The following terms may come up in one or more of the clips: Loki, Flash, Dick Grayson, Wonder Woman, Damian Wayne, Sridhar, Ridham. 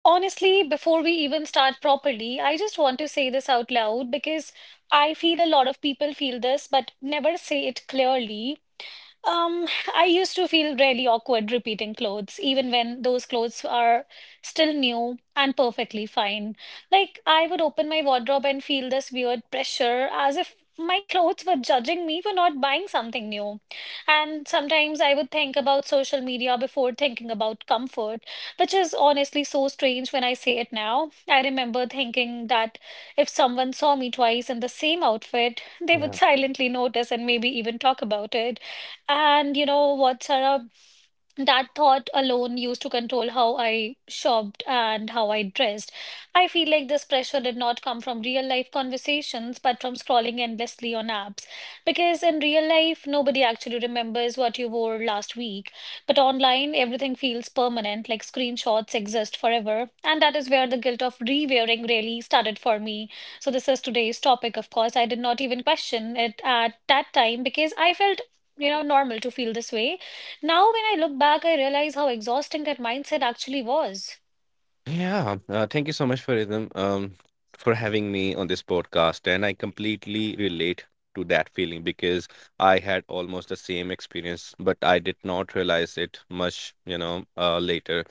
honestly, before we even start properly, I just want to say this out loud because I feel a lot of people feel this but never say it clearly. um, I used to feel really awkward repeating clothes, even when those clothes are still new and perfectly fine. Like, I would open my wardrobe and feel this weird pressure as if my clothes were judging me for not buying something new. And sometimes I would think about social media before thinking about comfort, which is honestly so strange when I say it now. I remember thinking that if someone saw me twice in the same outfit, they would Yeah. silently notice and maybe even talk about it. And you know what, Sarah? That thought alone used to control how I shopped and how I dressed. I feel like this pressure did not come from real life conversations, but from scrolling endlessly on apps. Because in real life, nobody actually remembers what you wore last week. But online, everything feels permanent, like screenshots exist forever. And that is where the guilt of re wearing really started for me. So, this is today's topic, of course. I did not even question it at that time because I felt, you know, normal to feel this way. Now when I look back, I realize how exhausting that mindset actually was. Yeah. Thank you so much for Ridham, for having me on this podcast. And I completely relate to that feeling because I had almost the same experience, but I did not realize it much, you know, later.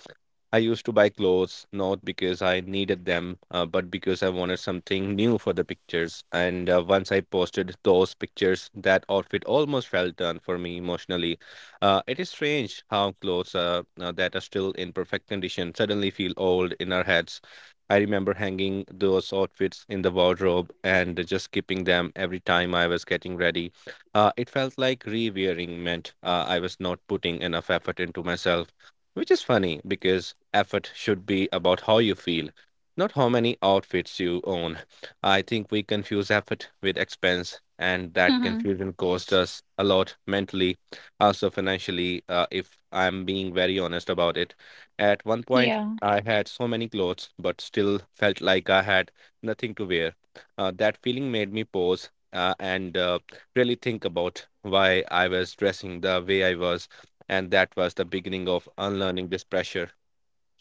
I used to buy clothes not because I needed them, but because I wanted something new for the pictures. And once I posted those pictures, that outfit almost fell down for me emotionally. It is strange how clothes that are still in perfect condition suddenly feel old in our heads. I remember hanging those outfits in the wardrobe and just keeping them every time I was getting ready. It felt like re wearing meant I was not putting enough effort into myself. Which is funny because effort should be about how you feel, not how many outfits you own. I think we confuse effort with expense, and that Mm-hmm. confusion costs us a lot mentally, also financially, if I'm being very honest about it. At one point, Yeah. I had so many clothes, but still felt like I had nothing to wear. That feeling made me pause and really think about why I was dressing the way I was, and that was the beginning of unlearning this pressure.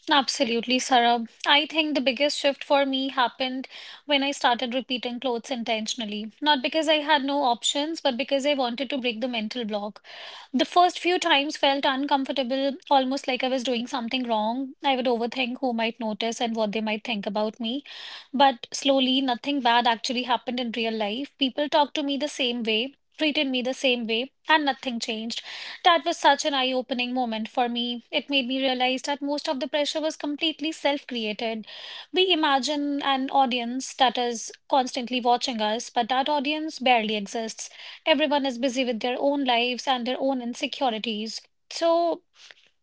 Absolutely, Sarah. I think the biggest shift for me happened when I started repeating clothes intentionally. Not because I had no options, but because I wanted to break the mental block. The first few times felt uncomfortable, almost like I was doing something wrong. I would overthink who might notice and what they might think about me. But slowly, nothing bad actually happened in real life. People talked to me the same way, treated me the same way, and nothing changed. That was such an eye opening moment for me. It made me realize that most of the pressure was completely self created. We imagine an audience that is constantly watching us, but that audience barely exists. Everyone is busy with their own lives and their own insecurities. So,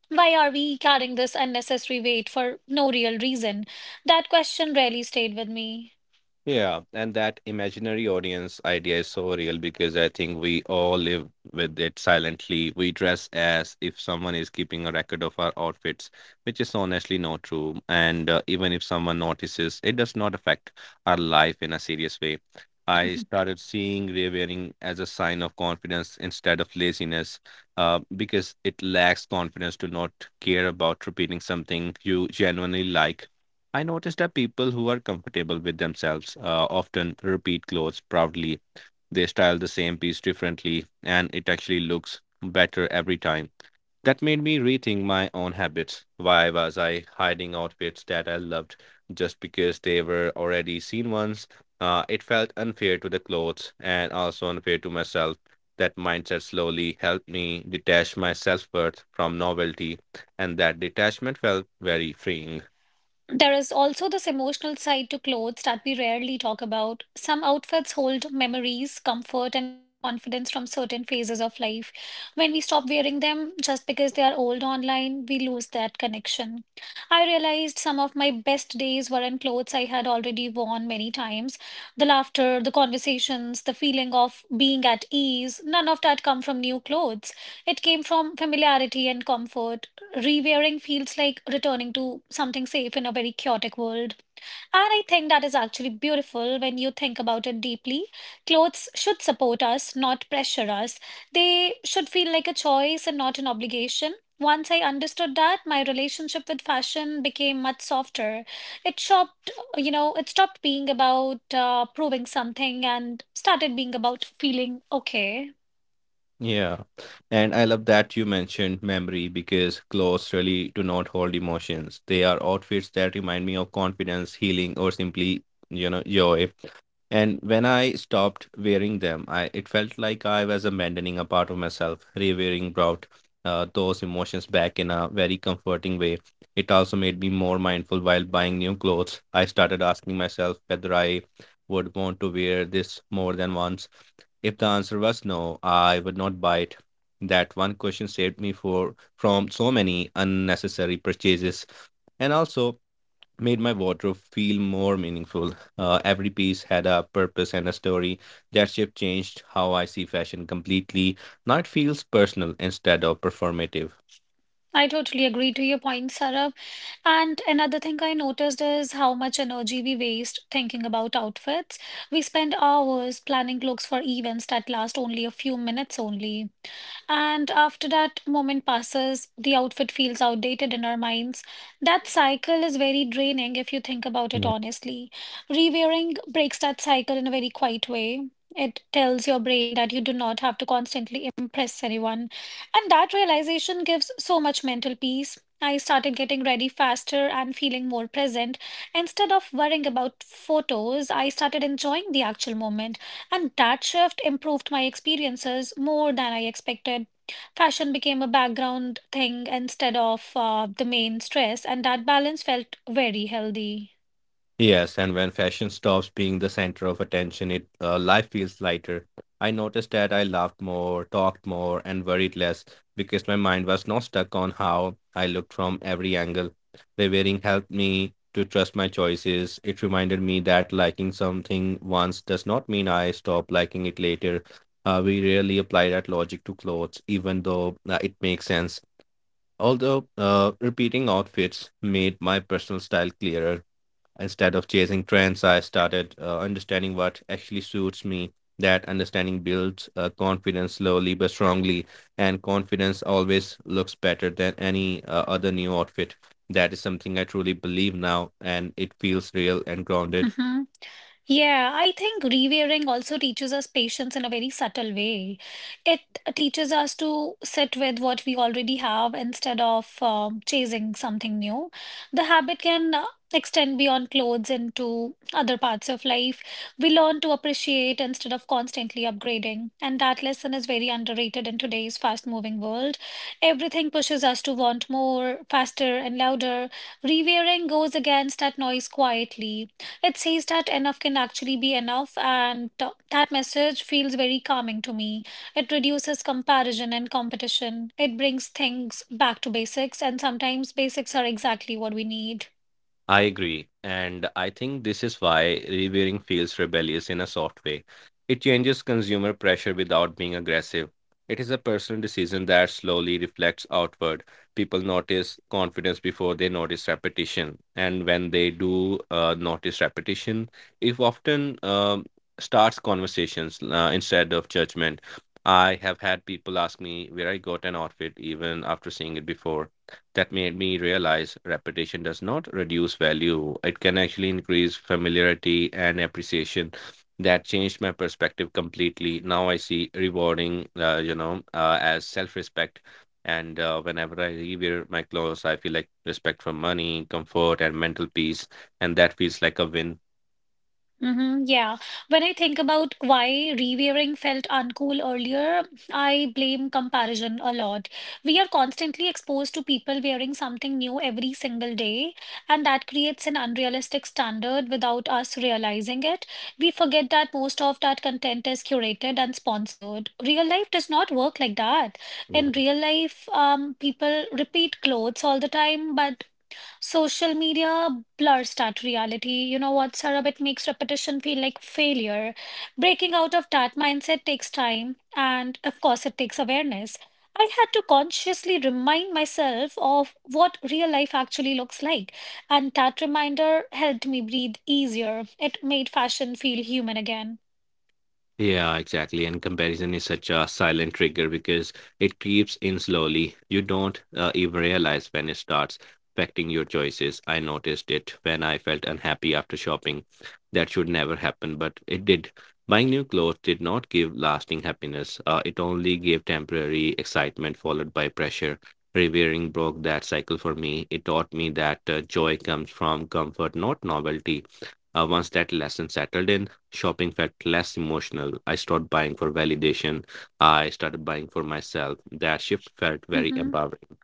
why are we carrying this unnecessary weight for no real reason? That question really stayed with me. Yeah, and that imaginary audience idea is so real because I think we all live with it silently. We dress as if someone is keeping a record of our outfits, which is honestly not true. And even if someone notices, it does not affect our life in a serious way. I started seeing rewearing as a sign of confidence instead of laziness, because it lacks confidence to not care about repeating something you genuinely like. I noticed that people who are comfortable with themselves often repeat clothes proudly. They style the same piece differently, and it actually looks better every time. That made me rethink my own habits. Why was I hiding outfits that I loved just because they were already seen once? It felt unfair to the clothes and also unfair to myself. That mindset slowly helped me detach my self worth from novelty, and that detachment felt very freeing. There is also this emotional side to clothes that we rarely talk about. Some outfits hold memories, comfort, and even confidence from certain phases of life. When we stop wearing them just because they are old online, we lose that connection. I realized some of my best days were in clothes I had already worn many times. The laughter, the conversations, the feeling of being at ease, none of that come from new clothes. It came from familiarity and comfort. Rewearing feels like returning to something safe in a very chaotic world. And I think that is actually beautiful when you think about it deeply. Clothes should support us, not pressure us. They should feel like a choice and not an obligation. Once I understood that, my relationship with fashion became much softer. It stopped, you know, it stopped being about proving something and started being about feeling okay. Yeah. And I love that you mentioned memory because clothes really do not hold emotions. They are outfits that remind me of confidence, healing, or simply, you know, joy. And when I stopped wearing them, I it felt like I was abandoning a part of myself. Rewearing brought those emotions back in a very comforting way. It also made me more mindful while buying new clothes. I started asking myself whether I would want to wear this more than once. If the answer was no, I would not buy it. That one question saved me for from so many unnecessary purchases. And also, made my wardrobe feel more meaningful. Every piece had a purpose and a story. That shift changed how I see fashion completely. Now it feels personal instead of performative. I totally agree to your point, Sarab. And another thing I noticed is how much energy we waste thinking about outfits. We spend hours planning looks for events that last only a few minutes only. And after that moment passes, the outfit feels outdated in our minds. That cycle is very draining if you think about it honestly. Rewearing breaks that cycle in a very quiet way. It tells your brain that you do not have to constantly impress anyone. And that realization gives so much mental peace. I started getting ready faster and feeling more present. Instead of worrying about photos, I started enjoying the actual moment. And that shift improved my experiences more than I expected. Fashion became a background thing instead of the main stress, and that balance felt very healthy. Yes, and when fashion stops being the center of attention, it life feels lighter. I noticed that I laughed more, talked more, and worried less because my mind was not stuck on how I looked from every angle. The wearing helped me to trust my choices. It reminded me that liking something once does not mean I stop liking it later. We rarely apply that logic to clothes, even though it makes sense. Although repeating outfits made my personal style clearer. Instead of chasing trends, I started understanding what actually suits me. That understanding builds confidence slowly but strongly, and confidence always looks better than any other new outfit. That is something I truly believe now, and it feels real and grounded. Mhm. Yeah, I think rewiring also teaches us patience in a very subtle way. It teaches us to sit with what we already have instead of chasing something new. The habit can extend beyond clothes into other parts of life. We learn to appreciate instead of constantly upgrading, and that lesson is very underrated in today's fast-moving world. Everything pushes us to want more, faster, and louder. Rewiring goes against that noise quietly. It says that enough can actually be enough, and that message feels very calming to me. It reduces comparison and competition. It brings things back to basics, and sometimes basics are exactly what we need. I agree, and I think this is why rebearing feels rebellious in a soft way. It changes consumer pressure without being aggressive. It is a personal decision that slowly reflects outward. People notice confidence before they notice repetition, and when they do notice repetition, it often starts conversations instead of judgment. I have had people ask me where I got an outfit even after seeing it before. That made me realize repetition does not reduce value. It can actually increase familiarity and appreciation. That changed my perspective completely. Now I see rewarding, as self-respect. And whenever I rewear my clothes, I feel like respect for money, comfort, and mental peace, and that feels like a win. Mm-hmm, yeah. When I think about why rewearing felt uncool earlier, I blame comparison a lot. We are constantly exposed to people wearing something new every single day, and that creates an unrealistic standard without us realizing it. We forget that most of that content is curated and sponsored. Real life does not work like that. In real life, people repeat clothes all the time, but social media blurs that reality. You know what, Sarab? It makes repetition feel like failure. Breaking out of that mindset takes time, and of course, it takes awareness. I had to consciously remind myself of what real life actually looks like, and that reminder helped me breathe easier. It made fashion feel human again. Yeah, exactly. And comparison is such a silent trigger because it creeps in slowly. You don't even realize when it starts affecting your choices. I noticed it when I felt unhappy after shopping. That should never happen, but it did. Buying new clothes did not give lasting happiness. It only gave temporary excitement followed by pressure. Revering broke that cycle for me. It taught me that joy comes from comfort, not novelty. Once that lesson settled in, shopping felt less emotional. I stopped buying for validation. I started buying for myself. That shift felt very Hmm. empowering.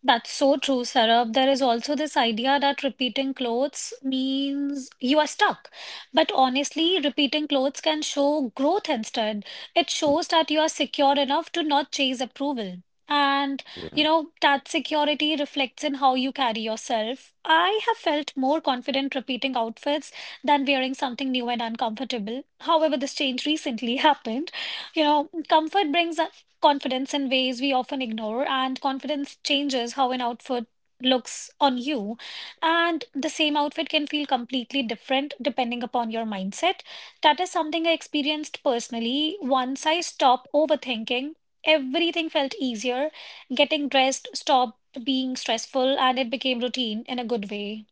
That's so true, Sarab. There is also this idea that repeating clothes means you are stuck. But honestly, repeating clothes can show growth instead. It shows that you are secure enough to not chase approval. And, you Yeah. know, that security reflects in how you carry yourself. I have felt more confident repeating outfits than wearing something new and uncomfortable. However, this change recently happened. You know, comfort brings confidence in ways we often ignore, and confidence changes how an outfit looks on you. And the same outfit can feel completely different depending upon your mindset. That is something I experienced personally. Once I stopped overthinking, everything felt easier. Getting dressed stopped being stressful, and it became routine in a good way.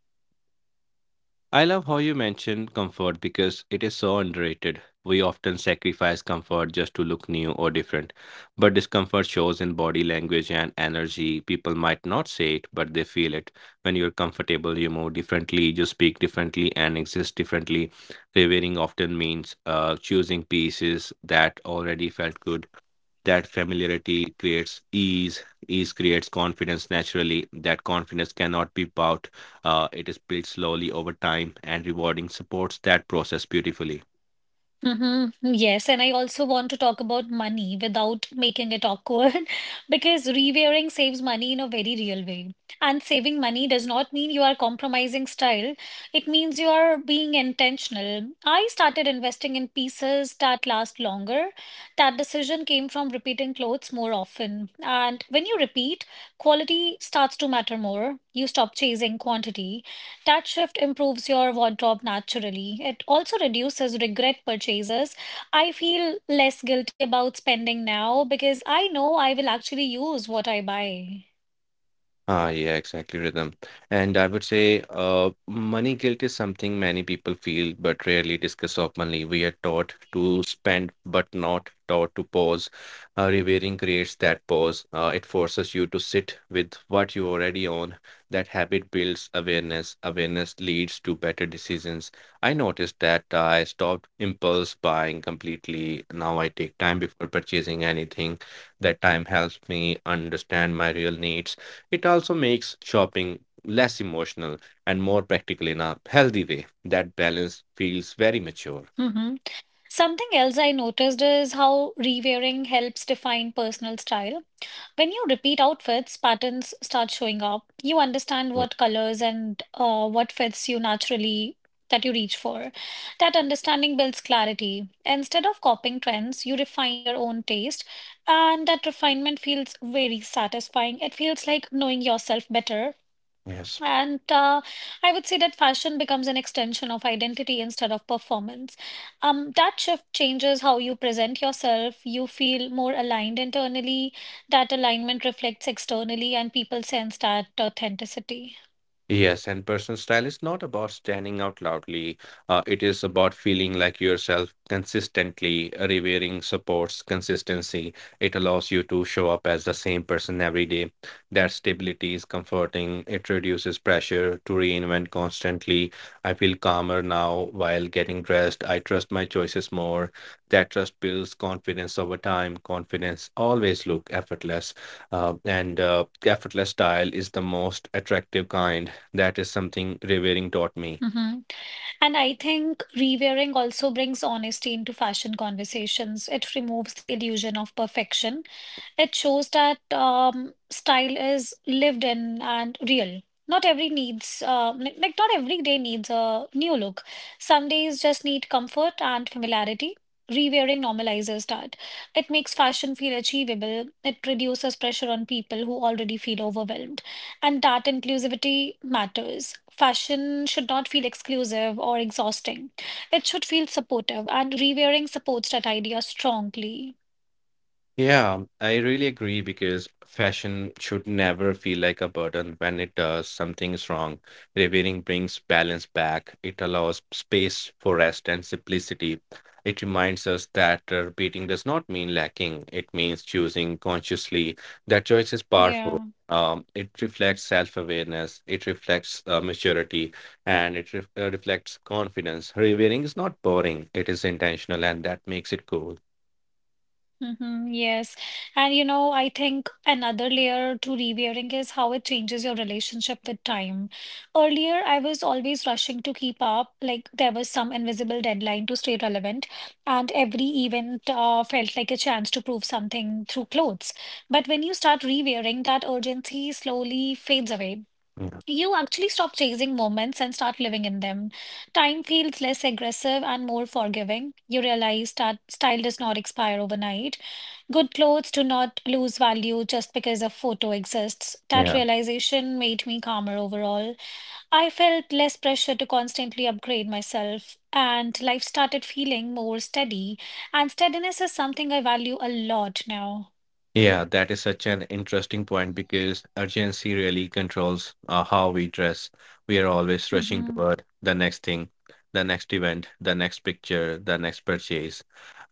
I love how you mentioned comfort because it is so underrated. We often sacrifice comfort just to look new or different. But discomfort shows in body language and energy. People might not say it, but they feel it. When you're comfortable, you move differently, you speak differently, and exist differently. Revealing often means choosing pieces that already felt good. That familiarity creates ease. Ease creates confidence naturally. That confidence cannot be bought. It is built slowly over time, and rewarding supports that process beautifully. Mm-hmm. Yes, and I also want to talk about money without making it awkward because rewearing saves money in a very real way. And saving money does not mean you are compromising style, it means you are being intentional. I started investing in pieces that last longer. That decision came from repeating clothes more often. And when you repeat, quality starts to matter more. You stop chasing quantity. That shift improves your wardrobe naturally. It also reduces regret purchases. I feel less guilty about spending now because I know I will actually use what I buy. Ah, yeah, exactly, rhythm. And I would say money guilt is something many people feel but rarely discuss openly. We are taught to spend but not taught to pause. Revering creates that pause. It forces you to sit with what you already own. That habit builds awareness. Awareness leads to better decisions. I noticed that I stopped impulse buying completely. Now I take time before purchasing anything. That time helps me understand my real needs. It also makes shopping less emotional and more practical in a healthy way. That balance feels very mature. Hmm. Something else I noticed is how rewearing helps define personal style. When you repeat outfits, patterns start showing up. You understand Yeah, what colors and what fits you naturally that you reach for. That understanding builds clarity. Instead of copying trends, you refine your own taste, and that refinement feels very satisfying. It feels like knowing yourself better, Yes. and I would say that fashion becomes an extension of identity instead of performance. That shift changes how you present yourself. You feel more aligned internally. That alignment reflects externally, and people sense that authenticity. Yes, and personal style is not about standing out loudly. It is about feeling like yourself consistently. Revering supports consistency. It allows you to show up as the same person every day. That stability is comforting. It reduces pressure to reinvent constantly. I feel calmer now while getting dressed. I trust my choices more. That trust builds confidence over time. Confidence always look effortless, and effortless style is the most attractive kind. That is something revering taught me. Hmm. And I think rewearing also brings honesty into fashion conversations. It removes the illusion of perfection. It shows that style is lived in and real. Not every needs, like not every day needs a new look. Some days just need comfort and familiarity. Rewearing normalizes that. It makes fashion feel achievable. It reduces pressure on people who already feel overwhelmed, and that inclusivity matters. Fashion should not feel exclusive or exhausting. It should feel supportive, and rewearing supports that idea strongly. Yeah, I really agree because fashion should never feel like a burden. When it does, something is wrong. Revealing brings balance back. It allows space for rest and simplicity. It reminds us that repeating does not mean lacking. It means choosing consciously. That choice is powerful. Yeah. It reflects self-awareness. It reflects maturity, and it reflects confidence. Revealing is not boring. It is intentional, and that makes it cool. Mm-hmm, yes. And you know, I think another layer to rewearing is how it changes your relationship with time. Earlier, I was always rushing to keep up, like there was some invisible deadline to stay relevant, and every event felt like a chance to prove something through clothes. But when you start rewearing, that urgency slowly fades away. Yeah. You actually stop chasing moments and start living in them. Time feels less aggressive and more forgiving. You realize that style does not expire overnight. Good clothes do not lose value just because a photo exists. That Yeah. realization made me calmer overall. I felt less pressure to constantly upgrade myself, and life started feeling more steady. And steadiness is something I value a lot now. Yeah, that is such an interesting point because urgency really controls how we dress. We are always rushing Mm-hmm. toward the next thing, the next event, the next picture, the next purchase.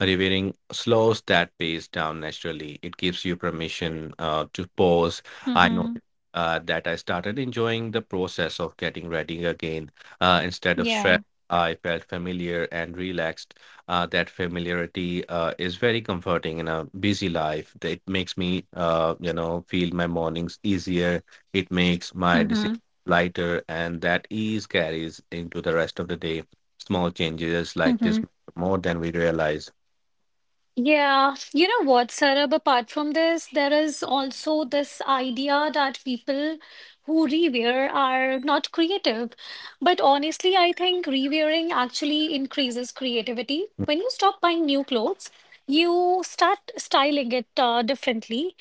Revering slows that pace down naturally. It gives you permission to pause. I Mm-hmm. noticed that I started enjoying the process of getting ready again. Instead of Yeah. stress, I felt familiar and relaxed. That familiarity is very comforting in a busy life. That It makes me, you know, feel my mornings easier. It makes my decisions Mm-hmm. lighter, and that ease carries into the rest of the day. Small changes like this Mm-hmm. matter more than we realize. Yeah, you know what, Sarab, apart from this, there is also this idea that people who rewear are not creative. But honestly, I think rewearing actually increases creativity. When you stop buying new clothes, you start styling it differently.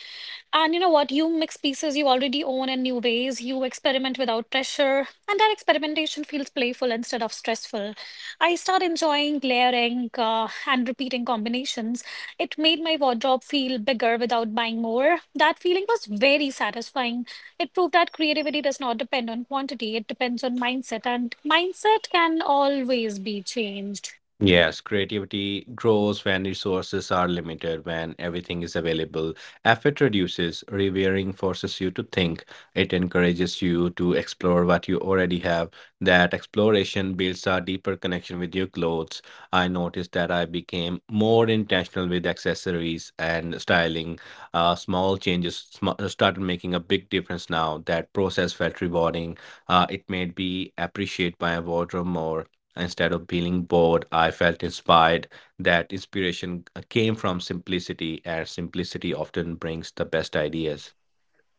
And you know what? You mix pieces you already own in new ways. You experiment without pressure. And that experimentation feels playful instead of stressful. I started enjoying layering, and repeating combinations. It made my wardrobe feel bigger without buying more. That feeling was very satisfying. It proved that creativity does not depend on quantity, it depends on mindset, and mindset can always be changed. Yes, creativity grows when resources are limited. When everything is available, effort reduces. Rewiring forces you to think. It encourages you to explore what you already have. That exploration builds a deeper connection with your clothes. I noticed that I became more intentional with accessories and styling. Small changes started making a big difference now. That process felt rewarding. It made me appreciate my wardrobe more. Instead of feeling bored, I felt inspired. That inspiration came from simplicity, and simplicity often brings the best ideas.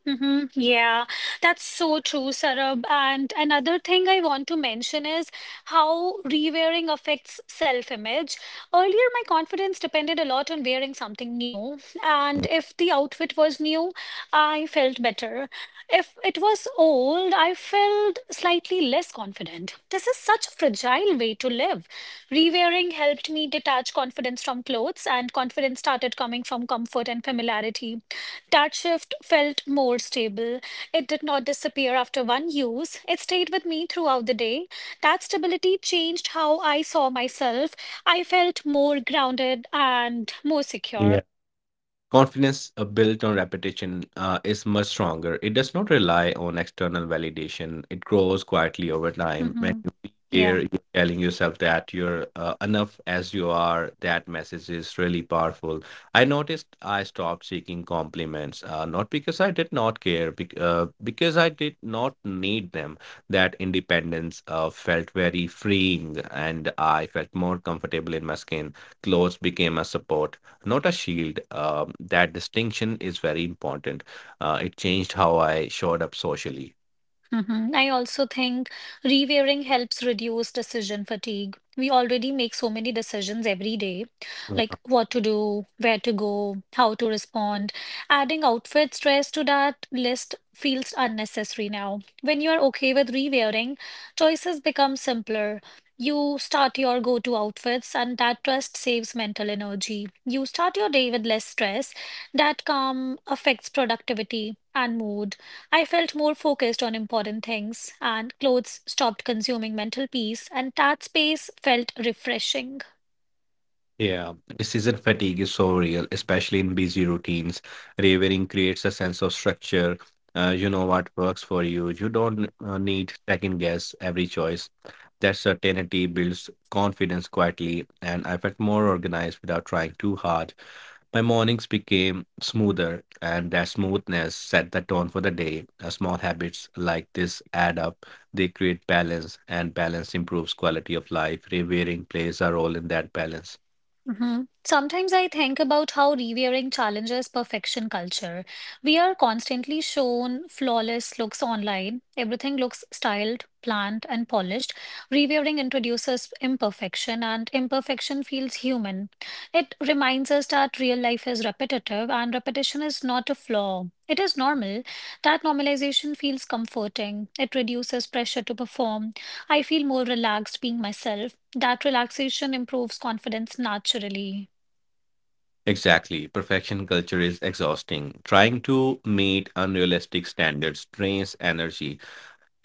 Yeah, that's so true, Sarab. And another thing I want to mention is how rewearing affects self-image. Earlier, my confidence depended a lot on wearing something new, and if the outfit was new, I felt better. If it was old, I felt slightly less confident. This is such a fragile way to live. Rewearing helped me detach confidence from clothes, and confidence started coming from comfort and familiarity. That shift felt more stable. It did not disappear after one use, it stayed with me throughout the day. That stability changed how I saw myself. I felt more grounded and more secure. Yeah. Confidence built on repetition is much stronger. It does not rely on external validation. It grows quietly over time. When hmm you hear Yeah. you telling yourself that you're enough as you are, that message is really powerful. I noticed I stopped seeking compliments, not because I did not care, because I did not need them. That independence felt very freeing, and I felt more comfortable in my skin. Clothes became a support, not a shield. That distinction is very important. It changed how I showed up socially. Mhm. I also think rewearing helps reduce decision fatigue. We already make so many decisions every day, like what to do, where to go, how to respond. Adding outfit stress to that list feels unnecessary now. When you are okay with rewearing, choices become simpler. You start your go-to outfits, and that trust saves mental energy. You start your day with less stress. That calm affects productivity and mood. I felt more focused on important things, and clothes stopped consuming mental peace, and that space felt refreshing. Yeah, decision fatigue is so real, especially in busy routines. Ravering creates a sense of structure. You know what works for you. You don't need second guess every choice. That certainty builds confidence quietly, and I felt more organized without trying too hard. My mornings became smoother, and that smoothness set the tone for the day. Small habits like this add up. They create balance, and balance improves quality of life. Ravering plays a role in that balance. hmm Sometimes I think about how reviewing challenges perfection culture. We are constantly shown flawless looks online. Everything looks styled, planned, and polished. Reviewing introduces imperfection, and imperfection feels human. It reminds us that real life is repetitive, and repetition is not a flaw. It is normal. That normalization feels comforting. It reduces pressure to perform. I feel more relaxed being myself. That relaxation improves confidence naturally. Exactly. Perfection culture is exhausting. Trying to meet unrealistic standards drains energy.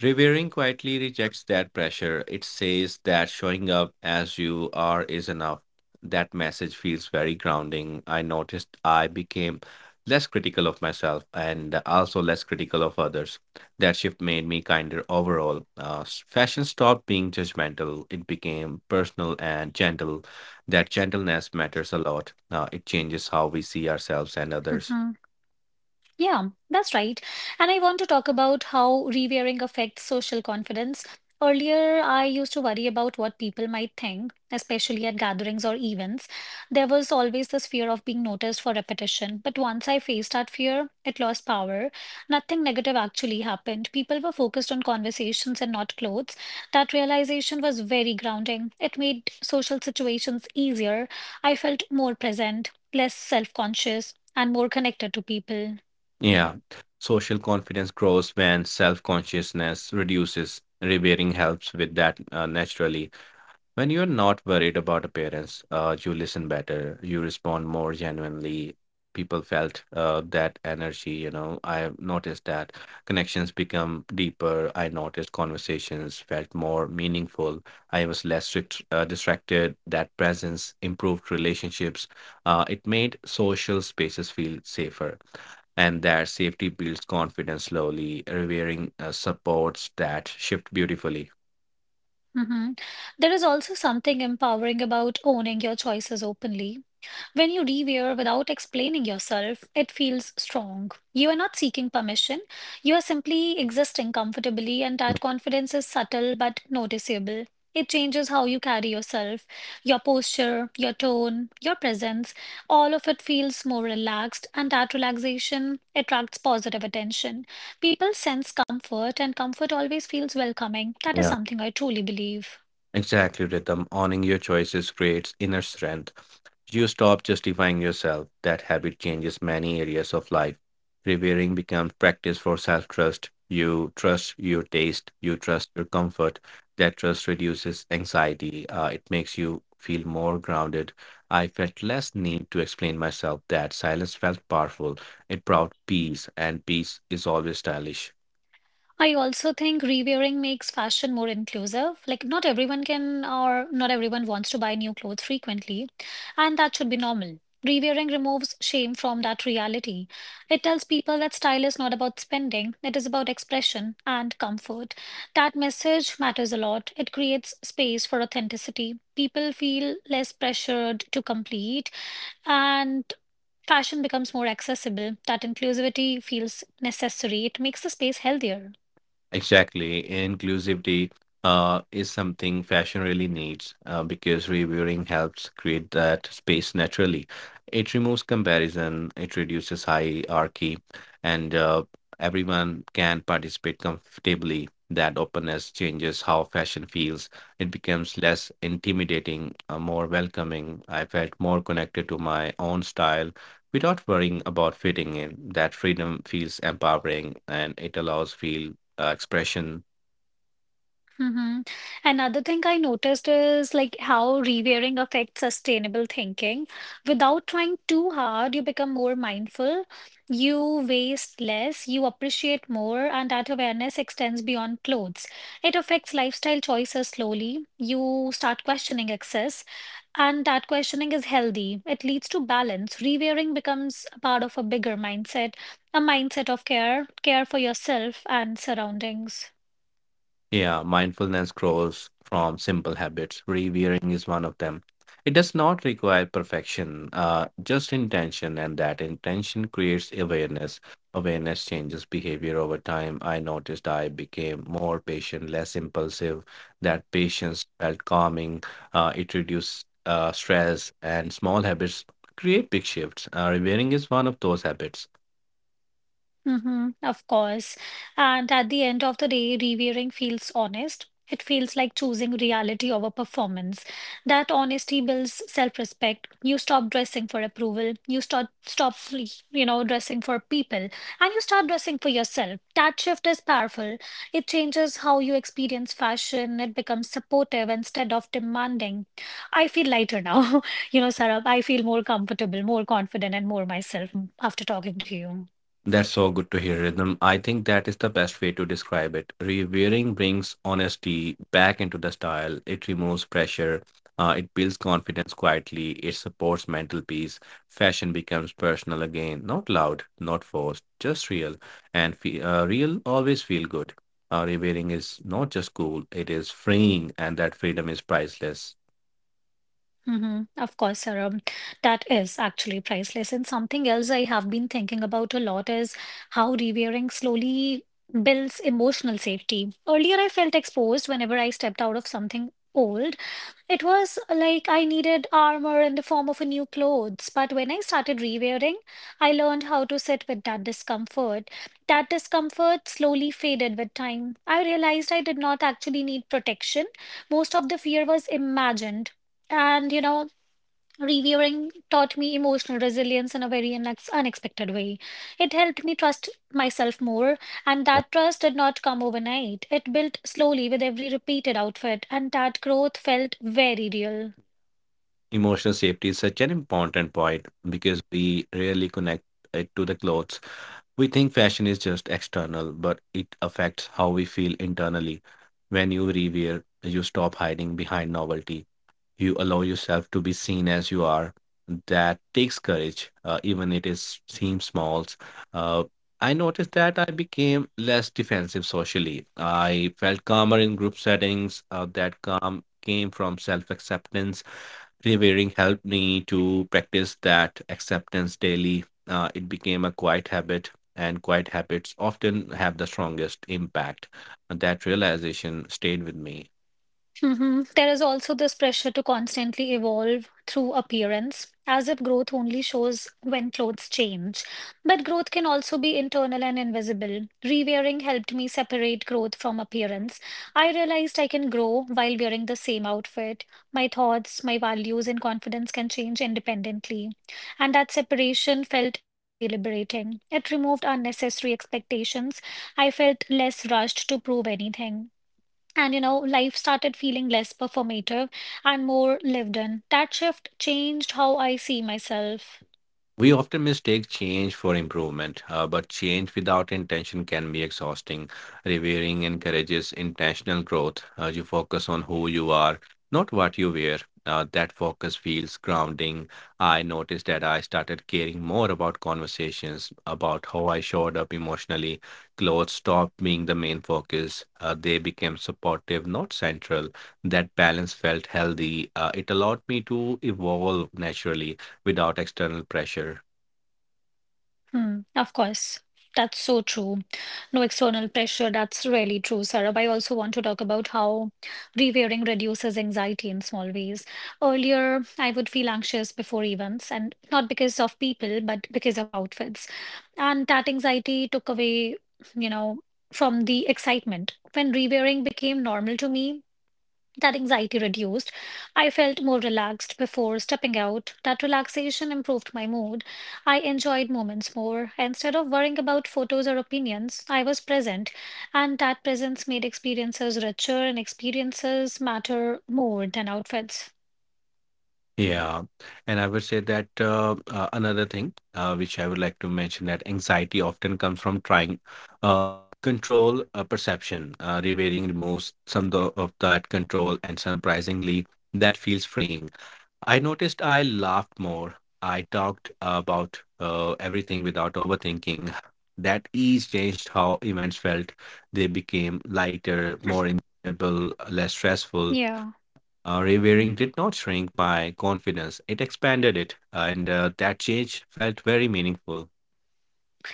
Revering quietly rejects that pressure. It says that showing up as you are is enough. That message feels very grounding. I noticed I became less critical of myself and also less critical of others. That shift made me kinder overall. Fashion stopped being judgmental, it became personal and gentle. That gentleness matters a lot. It changes how we see ourselves and others. Mhm. Yeah, that's right. And I want to talk about how rewearing affects social confidence. Earlier, I used to worry about what people might think, especially at gatherings or events. There was always this fear of being noticed for repetition. But once I faced that fear, it lost power. Nothing negative actually happened. People were focused on conversations and not clothes. That realization was very grounding. It made social situations easier. I felt more present, less self-conscious, and more connected to people. Yeah. Social confidence grows when self consciousness reduces. Repairing helps with that naturally. When you're not worried about appearance, you listen better, you respond more genuinely. People felt that energy, I've noticed that connections become deeper. I noticed conversations felt more meaningful. I was less strict, distracted. That presence improved relationships. It made social spaces feel safer, and that safety builds confidence slowly. Revering supports that shift beautifully. Mhm. There is also something empowering about owning your choices openly. When you rewear without explaining yourself, it feels strong. You are not seeking permission, you are simply existing comfortably, and that confidence is subtle but noticeable. It changes how you carry yourself, your posture, your tone, your presence. All of it feels more relaxed, and that relaxation attracts positive attention. People sense comfort, and comfort always feels welcoming. That is Yeah. something I truly believe. Exactly, Rhythm. Owning your choices creates inner strength. You stop justifying yourself. That habit changes many areas of life. Revering becomes practice for self trust. You trust your taste, you trust your comfort. That trust reduces anxiety. It makes you feel more grounded. I felt less need to explain myself. That silence felt powerful. It brought peace, and peace is always stylish. I also think rewearing makes fashion more inclusive. Like, not everyone can or not everyone wants to buy new clothes frequently, and that should be normal. Rewearing removes shame from that reality. It tells people that style is not about spending, it is about expression and comfort. That message matters a lot. It creates space for authenticity. People feel less pressured to complete, and fashion becomes more accessible. That inclusivity feels necessary. It makes the space healthier. Exactly. Inclusivity is something fashion really needs because reviewing helps create that space naturally. It removes comparison, it reduces hierarchy, and everyone can participate comfortably. That openness changes how fashion feels. It becomes less intimidating, more welcoming. I felt more connected to my own style without worrying about fitting in. That freedom feels empowering, and it allows feel expression. Mm-hmm. Another thing I noticed is like how rewiring affects sustainable thinking. Without trying too hard, you become more mindful, you waste less, you appreciate more, and that awareness extends beyond clothes. It affects lifestyle choices slowly. You start questioning excess, and that questioning is healthy. It leads to balance. Rewiring becomes a part of a bigger mindset, a mindset of care, care for yourself and surroundings. Yeah, mindfulness grows from simple habits. Revering is one of them. It does not require perfection, just intention, and that intention creates awareness. Awareness changes behavior over time. I noticed I became more patient, less impulsive. That patience felt calming. It reduced stress, and small habits create big shifts. Revering is one of those habits. Mm-hmm, of course. And at the end of the day, reviewing feels honest. It feels like choosing reality over performance. That honesty builds self-respect. You stop dressing for approval. You start stop, dressing for people, and you start dressing for yourself. That shift is powerful. It changes how you experience fashion. It becomes supportive instead of demanding. I feel lighter now. You know, Sarah. I feel more comfortable, more confident, and more myself after talking to you. That's so good to hear, Rhythm. I think that is the best way to describe it. Rewearing brings honesty back into the style. It removes pressure. It builds confidence quietly. It supports mental peace. Fashion becomes personal again, not loud, not forced, just real. And real always feel good. Rewearing is not just cool; it is freeing, and that freedom is priceless. Of course, Sarah. That is actually priceless. And something else I have been thinking about a lot is how rewearing slowly builds emotional safety. Earlier, I felt exposed whenever I stepped out of something old. It was like I needed armor in the form of a new clothes, but when I started rewearing, I learned how to sit with that discomfort. That discomfort slowly faded with time. I realized I did not actually need protection. Most of the fear was imagined. And you know, reviewing taught me emotional resilience in a very unexpected way. It helped me trust myself more, and that trust did not come overnight. It built slowly with every repeated outfit, and that growth felt very real. Emotional safety is such an important point because we rarely connect it to the clothes. We think fashion is just external, but it affects how we feel internally. When you rewear, you stop hiding behind novelty. You allow yourself to be seen as you are. That takes courage, even it is seems small. Uh, i noticed that I became less defensive socially. I felt calmer in group settings. That calm came from self-acceptance. Revering helped me to practice that acceptance daily. It became a quiet habit, and quiet habits often have the strongest impact. And that realization stayed with me. There is also this pressure to constantly evolve through appearance, as if growth only shows when clothes change. But growth can also be internal and invisible. Rewearing helped me separate growth from appearance. I realized I can grow while wearing the same outfit. My thoughts, my values, and confidence can change independently. And that separation felt very liberating. It removed unnecessary expectations. I felt less rushed to prove anything. And you know, life started feeling less performative and more lived in. That shift changed how I see myself. We often mistake change for improvement, but change without intention can be exhausting. Revering encourages intentional growth. You focus on who you are, not what you wear. That focus feels grounding. I noticed that I started caring more about conversations, about how I showed up emotionally. Clothes stopped being the main focus, they became supportive, not central. That balance felt healthy. It allowed me to evolve naturally without external pressure. Hmm, of course. That's so true. No external pressure. That's really true, Sarab. I also want to talk about how rewearing reduces anxiety in small ways. Earlier, I would feel anxious before events, and not because of people, but because of outfits. And that anxiety took away, you know, from the excitement. When rewearing became normal to me, that anxiety reduced. I felt more relaxed before stepping out. That relaxation improved my mood. I enjoyed moments more. Instead of worrying about photos or opinions, I was present, and that presence made experiences richer and experiences matter more than outfits. Yeah, and I would say that another thing which I would like to mention, that anxiety often comes from trying uh, control perception. Revealing removes some of that control, and surprisingly, that feels freeing. I noticed I laughed more. I talked about everything without overthinking. That ease changed how events felt. They became lighter, more enjoyable, less stressful. Yeah. Rewearing did not shrink my confidence, it expanded it, and that change felt very meaningful.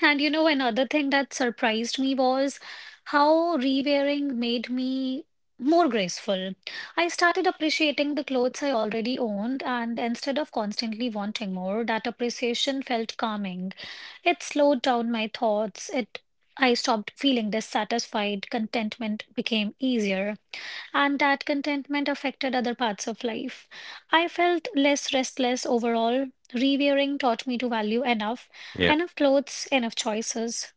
And you know, another thing that surprised me was how rewearing made me more graceful. I started appreciating the clothes I already owned, and instead of constantly wanting more, that appreciation felt calming. It slowed down my thoughts. It I stopped feeling dissatisfied. Contentment became easier and that contentment affected other parts of life. I felt less restless overall. Rewearing taught me to value enough, Yeah. enough clothes, enough choices.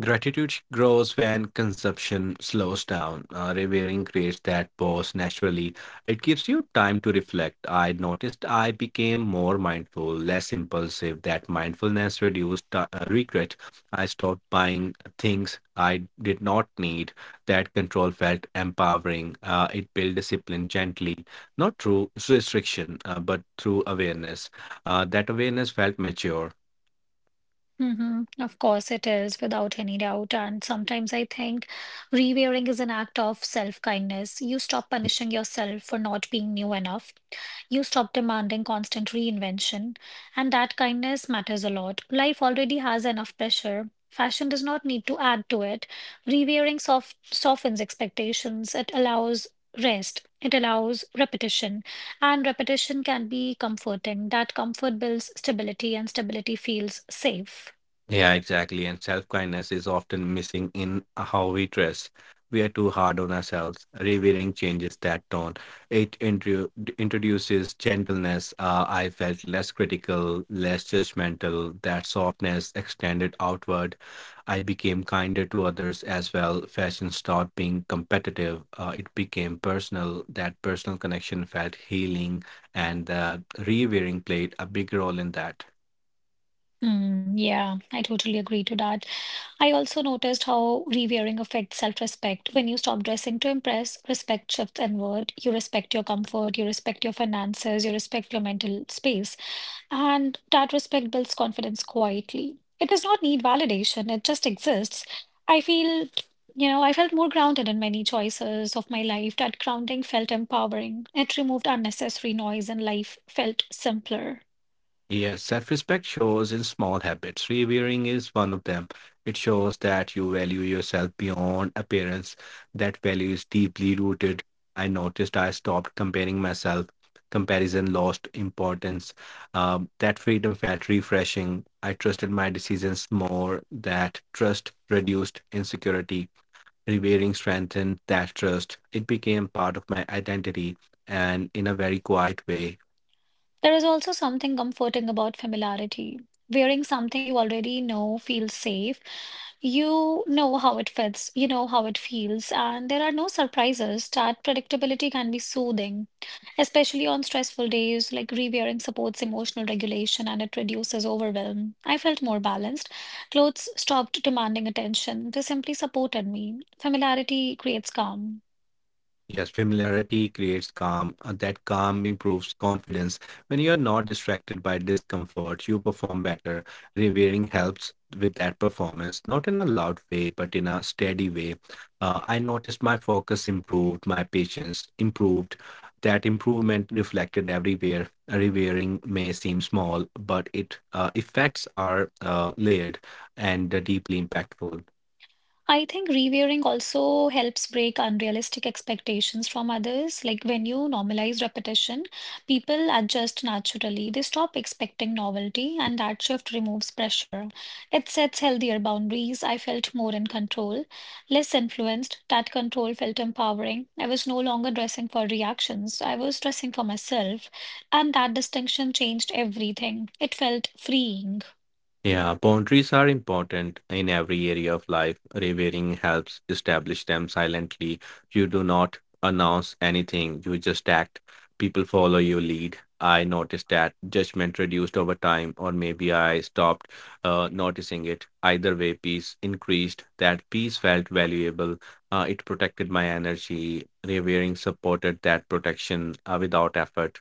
Gratitude grows when consumption slows down. Revering creates that pause naturally. It gives you time to reflect. I noticed I became more mindful, less impulsive. That mindfulness reduced regret. I stopped buying things I did not need. That control felt empowering. It built discipline gently, not through restriction, but through awareness. That awareness felt mature. Of course, it is without any doubt. And sometimes I think rewearing is an act of self kindness. You stop punishing yourself for not being new enough. You stop demanding constant reinvention, and that kindness matters a lot. Life already has enough pressure. Fashion does not need to add to it. Rewearing softens expectations, it allows rest, it allows repetition, and repetition can be comforting. That comfort builds stability, and stability feels safe. Yeah, exactly. And self kindness is often missing in how we dress. We are too hard on ourselves. Revealing changes that tone. It introduces gentleness. I felt less critical, less judgmental. That softness extended outward. I became kinder to others as well. Fashion stopped being competitive. It became personal. That personal connection felt healing, and the rewearing played a big role in that. Mm, yeah, I totally agree to that. I also noticed how rewearing affects self-respect. When you stop dressing to impress, respect shifts inward. You respect your comfort, you respect your finances, you respect your mental space. And that respect builds confidence quietly. It does not need validation, it just exists. I feel, you know, I felt more grounded in many choices of my life. That grounding felt empowering. It removed unnecessary noise and life felt simpler. Yes, self respect shows in small habits. Revering is one of them. It shows that you value yourself beyond appearance. That value is deeply rooted. I noticed I stopped comparing myself. Comparison lost importance. That freedom felt refreshing. I trusted my decisions more. That trust reduced insecurity. Revering strengthened that trust. It became part of my identity, and in a very quiet way. There is also something comforting about familiarity. Wearing something you already know feels safe. You know how it fits, you know how it feels, and there are no surprises. That predictability can be soothing, especially on stressful days. Like re-wearing supports emotional regulation and it reduces overwhelm. I felt more balanced. Clothes stopped demanding attention, they simply supported me. Familiarity creates calm. Yes, familiarity creates calm. That calm improves confidence. When you are not distracted by discomfort, you perform better. Revering helps with that performance, not in a loud way, but in a steady way. I noticed my focus improved, my patience improved. That improvement reflected everywhere. Revering may seem small, but it effects are layered and deeply impactful. I think reviewing also helps break unrealistic expectations from others. Like when you normalize repetition, people adjust naturally. They stop expecting novelty, Yeah. and that shift removes pressure. It sets healthier boundaries. I felt more in control, less influenced. That control felt empowering. I was no longer dressing for reactions, I was dressing for myself. And that distinction changed everything. It felt freeing. Yeah, boundaries are important in every area of life. Revering helps establish them silently. You do not announce anything, you just act. People follow your lead. I noticed that judgment reduced over time, or maybe I stopped noticing it. Either way, peace increased. That peace felt valuable. It protected my energy. Revering supported that protection without effort.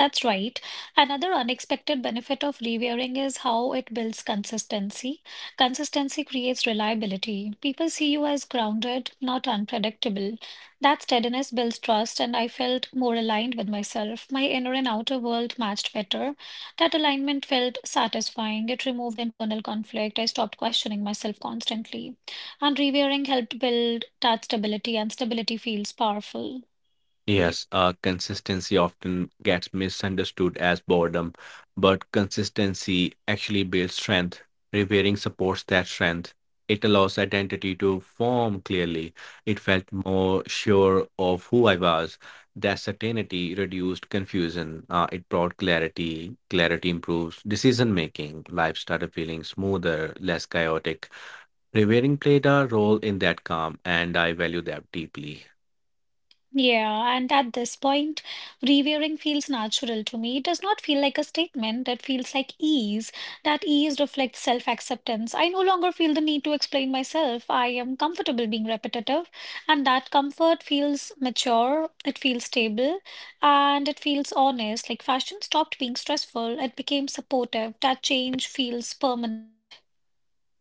That's right. Another unexpected benefit of rewearing is how it builds consistency. Consistency creates reliability. People see you as grounded, not unpredictable. That steadiness builds trust, and I felt more aligned with myself. My inner and outer world matched better. That alignment felt satisfying. It removed internal conflict. I stopped questioning myself constantly. And rewearing helped build that stability, and stability feels powerful. Yes, consistency often gets misunderstood as boredom, but consistency actually builds strength. Revering supports that strength. It allows identity to form clearly. It felt more sure of who I was. That certainty reduced confusion. It brought clarity. Clarity improves decision making. Life started feeling smoother, less chaotic. Revering played a role in that calm, and I value that deeply. Yeah, and at this point, reviewing feels natural to me. It does not feel like a statement, that feels like ease. That ease reflects self-acceptance. I no longer feel the need to explain myself. I am comfortable being repetitive, and that comfort feels mature, it feels stable, and it feels honest. Like fashion stopped being stressful, it became supportive. That change feels permanent.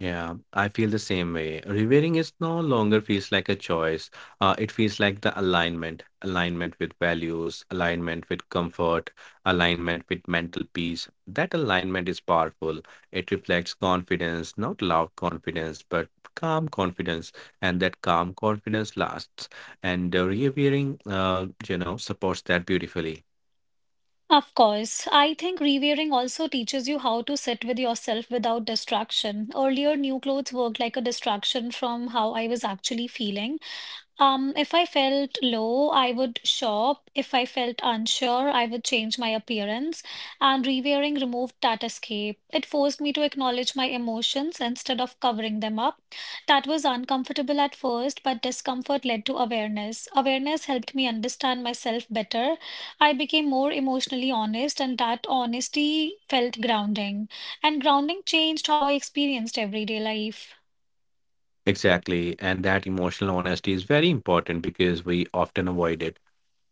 Yeah, I feel the same way. Revering is no longer feels like a choice. It feels like the alignment, with values, alignment with comfort, alignment with mental peace. That alignment is powerful. It reflects confidence, not loud confidence, but calm confidence, and that calm confidence lasts. And revering supports that beautifully. Of course, I think rewearing also teaches you how to sit with yourself without distraction. Earlier, new clothes worked like a distraction from how I was actually feeling. If I felt low, I would shop. If I felt unsure, I would change my appearance. And rewearing removed that escape. It forced me to acknowledge my emotions instead of covering them up. That was uncomfortable at first, but discomfort led to awareness. Awareness helped me understand myself better. I became more emotionally honest, and that honesty felt grounding. And grounding changed how I experienced everyday life. Exactly, and that emotional honesty is very important because we often avoid it.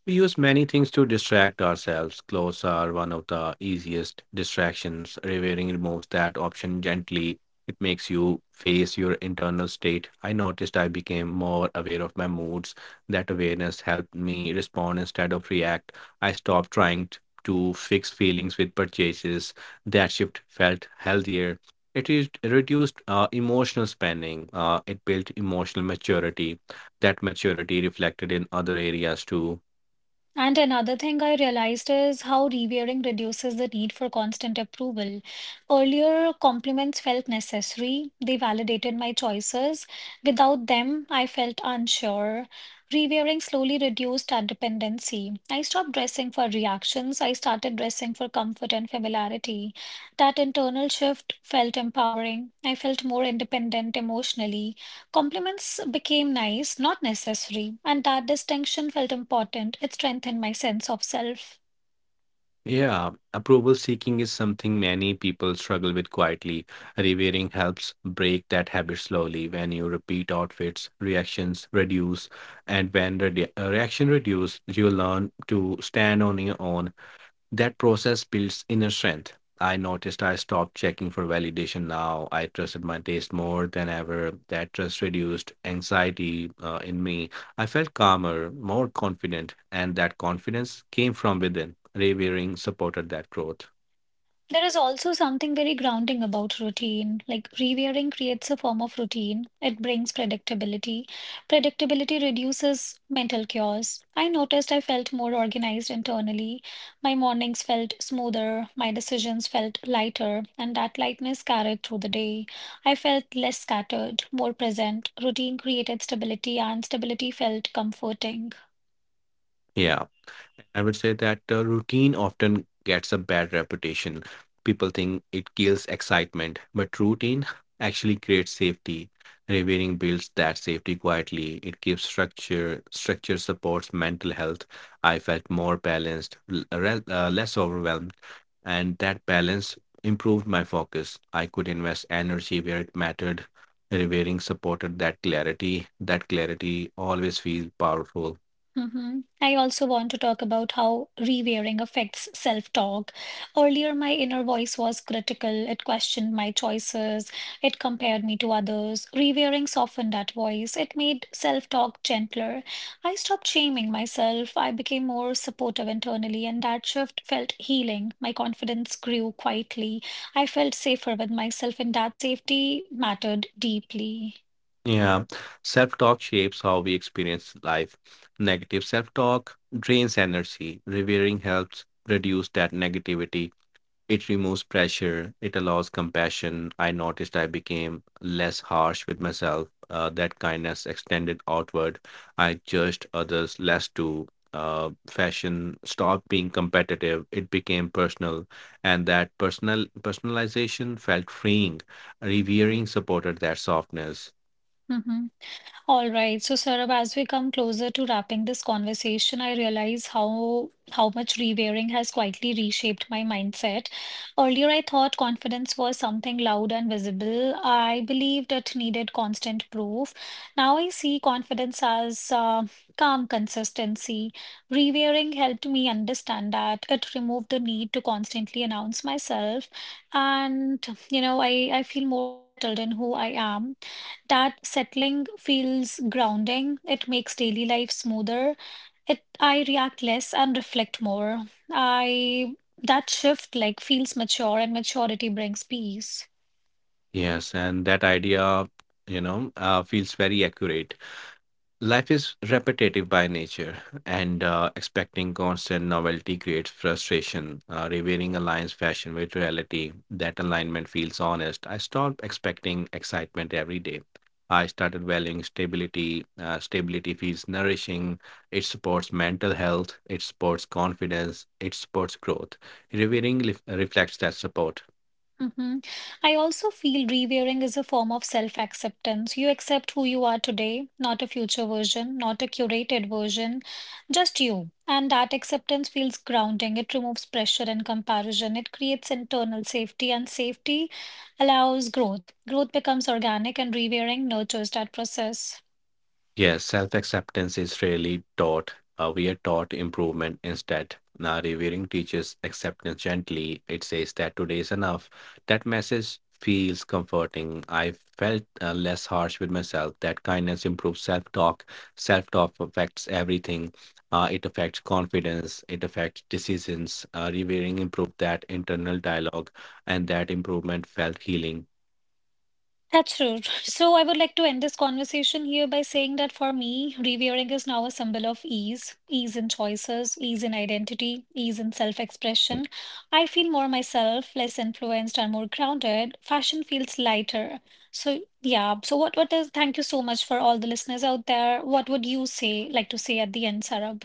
We use many things to distract ourselves. Clothes are one of the easiest distractions. Revering removes that option gently. It makes you face your internal state. I noticed I became more aware of my moods. That awareness helped me respond instead of react. I stopped trying to fix feelings with purchases. That shift felt healthier. It is reduced emotional spending. It built emotional maturity. That maturity reflected in other areas too. And another thing I realized is how revering reduces the need for constant approval. Earlier, compliments felt necessary, they validated my choices. Without them, I felt unsure. Revering slowly reduced that dependency. I stopped dressing for reactions, I started dressing for comfort and familiarity. That internal shift felt empowering. I felt more independent emotionally. Compliments became nice, not necessary, and that distinction felt important. It strengthened my sense of self. Yeah, approval seeking is something many people struggle with quietly. Revering helps break that habit slowly. When you repeat outfits, reactions reduce, and when the reaction reduce, you learn to stand on your own. That process builds inner strength. I noticed I stopped checking for validation now. I trusted my taste more than ever. That trust reduced anxiety in me. I felt calmer, more confident, and that confidence came from within. Revering supported that growth. There is also something very grounding about routine. Like rewiring creates a form of routine. It brings predictability. Predictability reduces mental chaos. I noticed I felt more organized internally. My mornings felt smoother. My decisions felt lighter. And that lightness carried through the day. I felt less scattered, more present. Routine created stability, and stability felt comforting. Yeah. I would say that routine often gets a bad reputation. People think it kills excitement, but routine actually creates safety. Revering builds that safety quietly. It gives structure. Structure supports mental health. I felt more balanced, less overwhelmed, and that balance improved my focus. I could invest energy where it mattered. Revering supported that clarity. That clarity always feels powerful. I also want to talk about how rewearing affects self-talk. Earlier, my inner voice was critical. It questioned my choices. It compared me to others. Rewearing softened that voice. It made self-talk gentler. I stopped shaming myself. I became more supportive internally, and that shift felt healing. My confidence grew quietly. I felt safer with myself, and that safety mattered deeply. Yeah, self talk shapes how we experience life. Negative self talk drains energy. Revering helps reduce that negativity. It removes pressure. It allows compassion. I noticed I became less harsh with myself. That kindness extended outward. I judged others less too. Fashion stopped being competitive. It became personal, and that personal personalization felt freeing. Revering supported that softness. Mm-hmm. All right. So, Saurabh, as we come closer to wrapping this conversation, I realize how much rewearing has quietly reshaped my mindset. Earlier, I thought confidence was something loud and visible. I believed it needed constant proof. Now I see confidence as calm consistency. Rewearing helped me understand that it removed the need to constantly announce myself, and you know, I feel more settled in who I am. That settling feels grounding. It makes daily life smoother. It I react less and reflect more. I that shift like feels mature and maturity brings peace. Yes, and that idea, feels very accurate. Life is repetitive by nature, and expecting constant novelty creates frustration. Revealing aligns fashion with reality. That alignment feels honest. I stopped expecting excitement every day. I started valuing stability. Stability feels nourishing. It supports mental health. It supports confidence. It supports growth. Revealing reflects that support. hmm I also feel rewearing is a form of self-acceptance. You accept who you are today, not a future version, not a curated version, just you. And that acceptance feels grounding. It removes pressure and comparison. It creates internal safety, and safety allows growth. Growth becomes organic, and rewearing nurtures that process. Yes, self acceptance is rarely taught. We are taught improvement instead. Now, revering teaches acceptance gently. It says that today is enough. That message feels comforting. I felt less harsh with myself. That kindness improves self talk. Self talk affects everything. It affects confidence. It affects decisions. Revering improved that internal dialogue, and that improvement felt healing. That's true. So I would like to end this conversation here by saying that for me, revealing is now a symbol of ease, ease in choices, ease in identity, ease in self-expression. I feel more myself, less influenced and more grounded. Fashion feels lighter. So yeah, so what is thank you so much for all the listeners out there. What would you say like to say at the end, Sarab?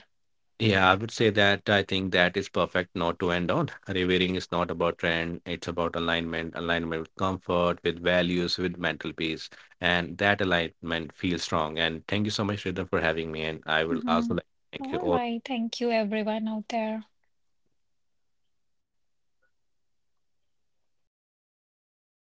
Yeah, I would say that I think that is perfect note to end on. Revering is not about trend, it's about alignment, alignment with comfort, with values, with mental peace. And that alignment feels strong. And thank you so much, Sridhar, for having me. And I will Mm-hmm. also like to thank you All all. right, thank you everyone out there.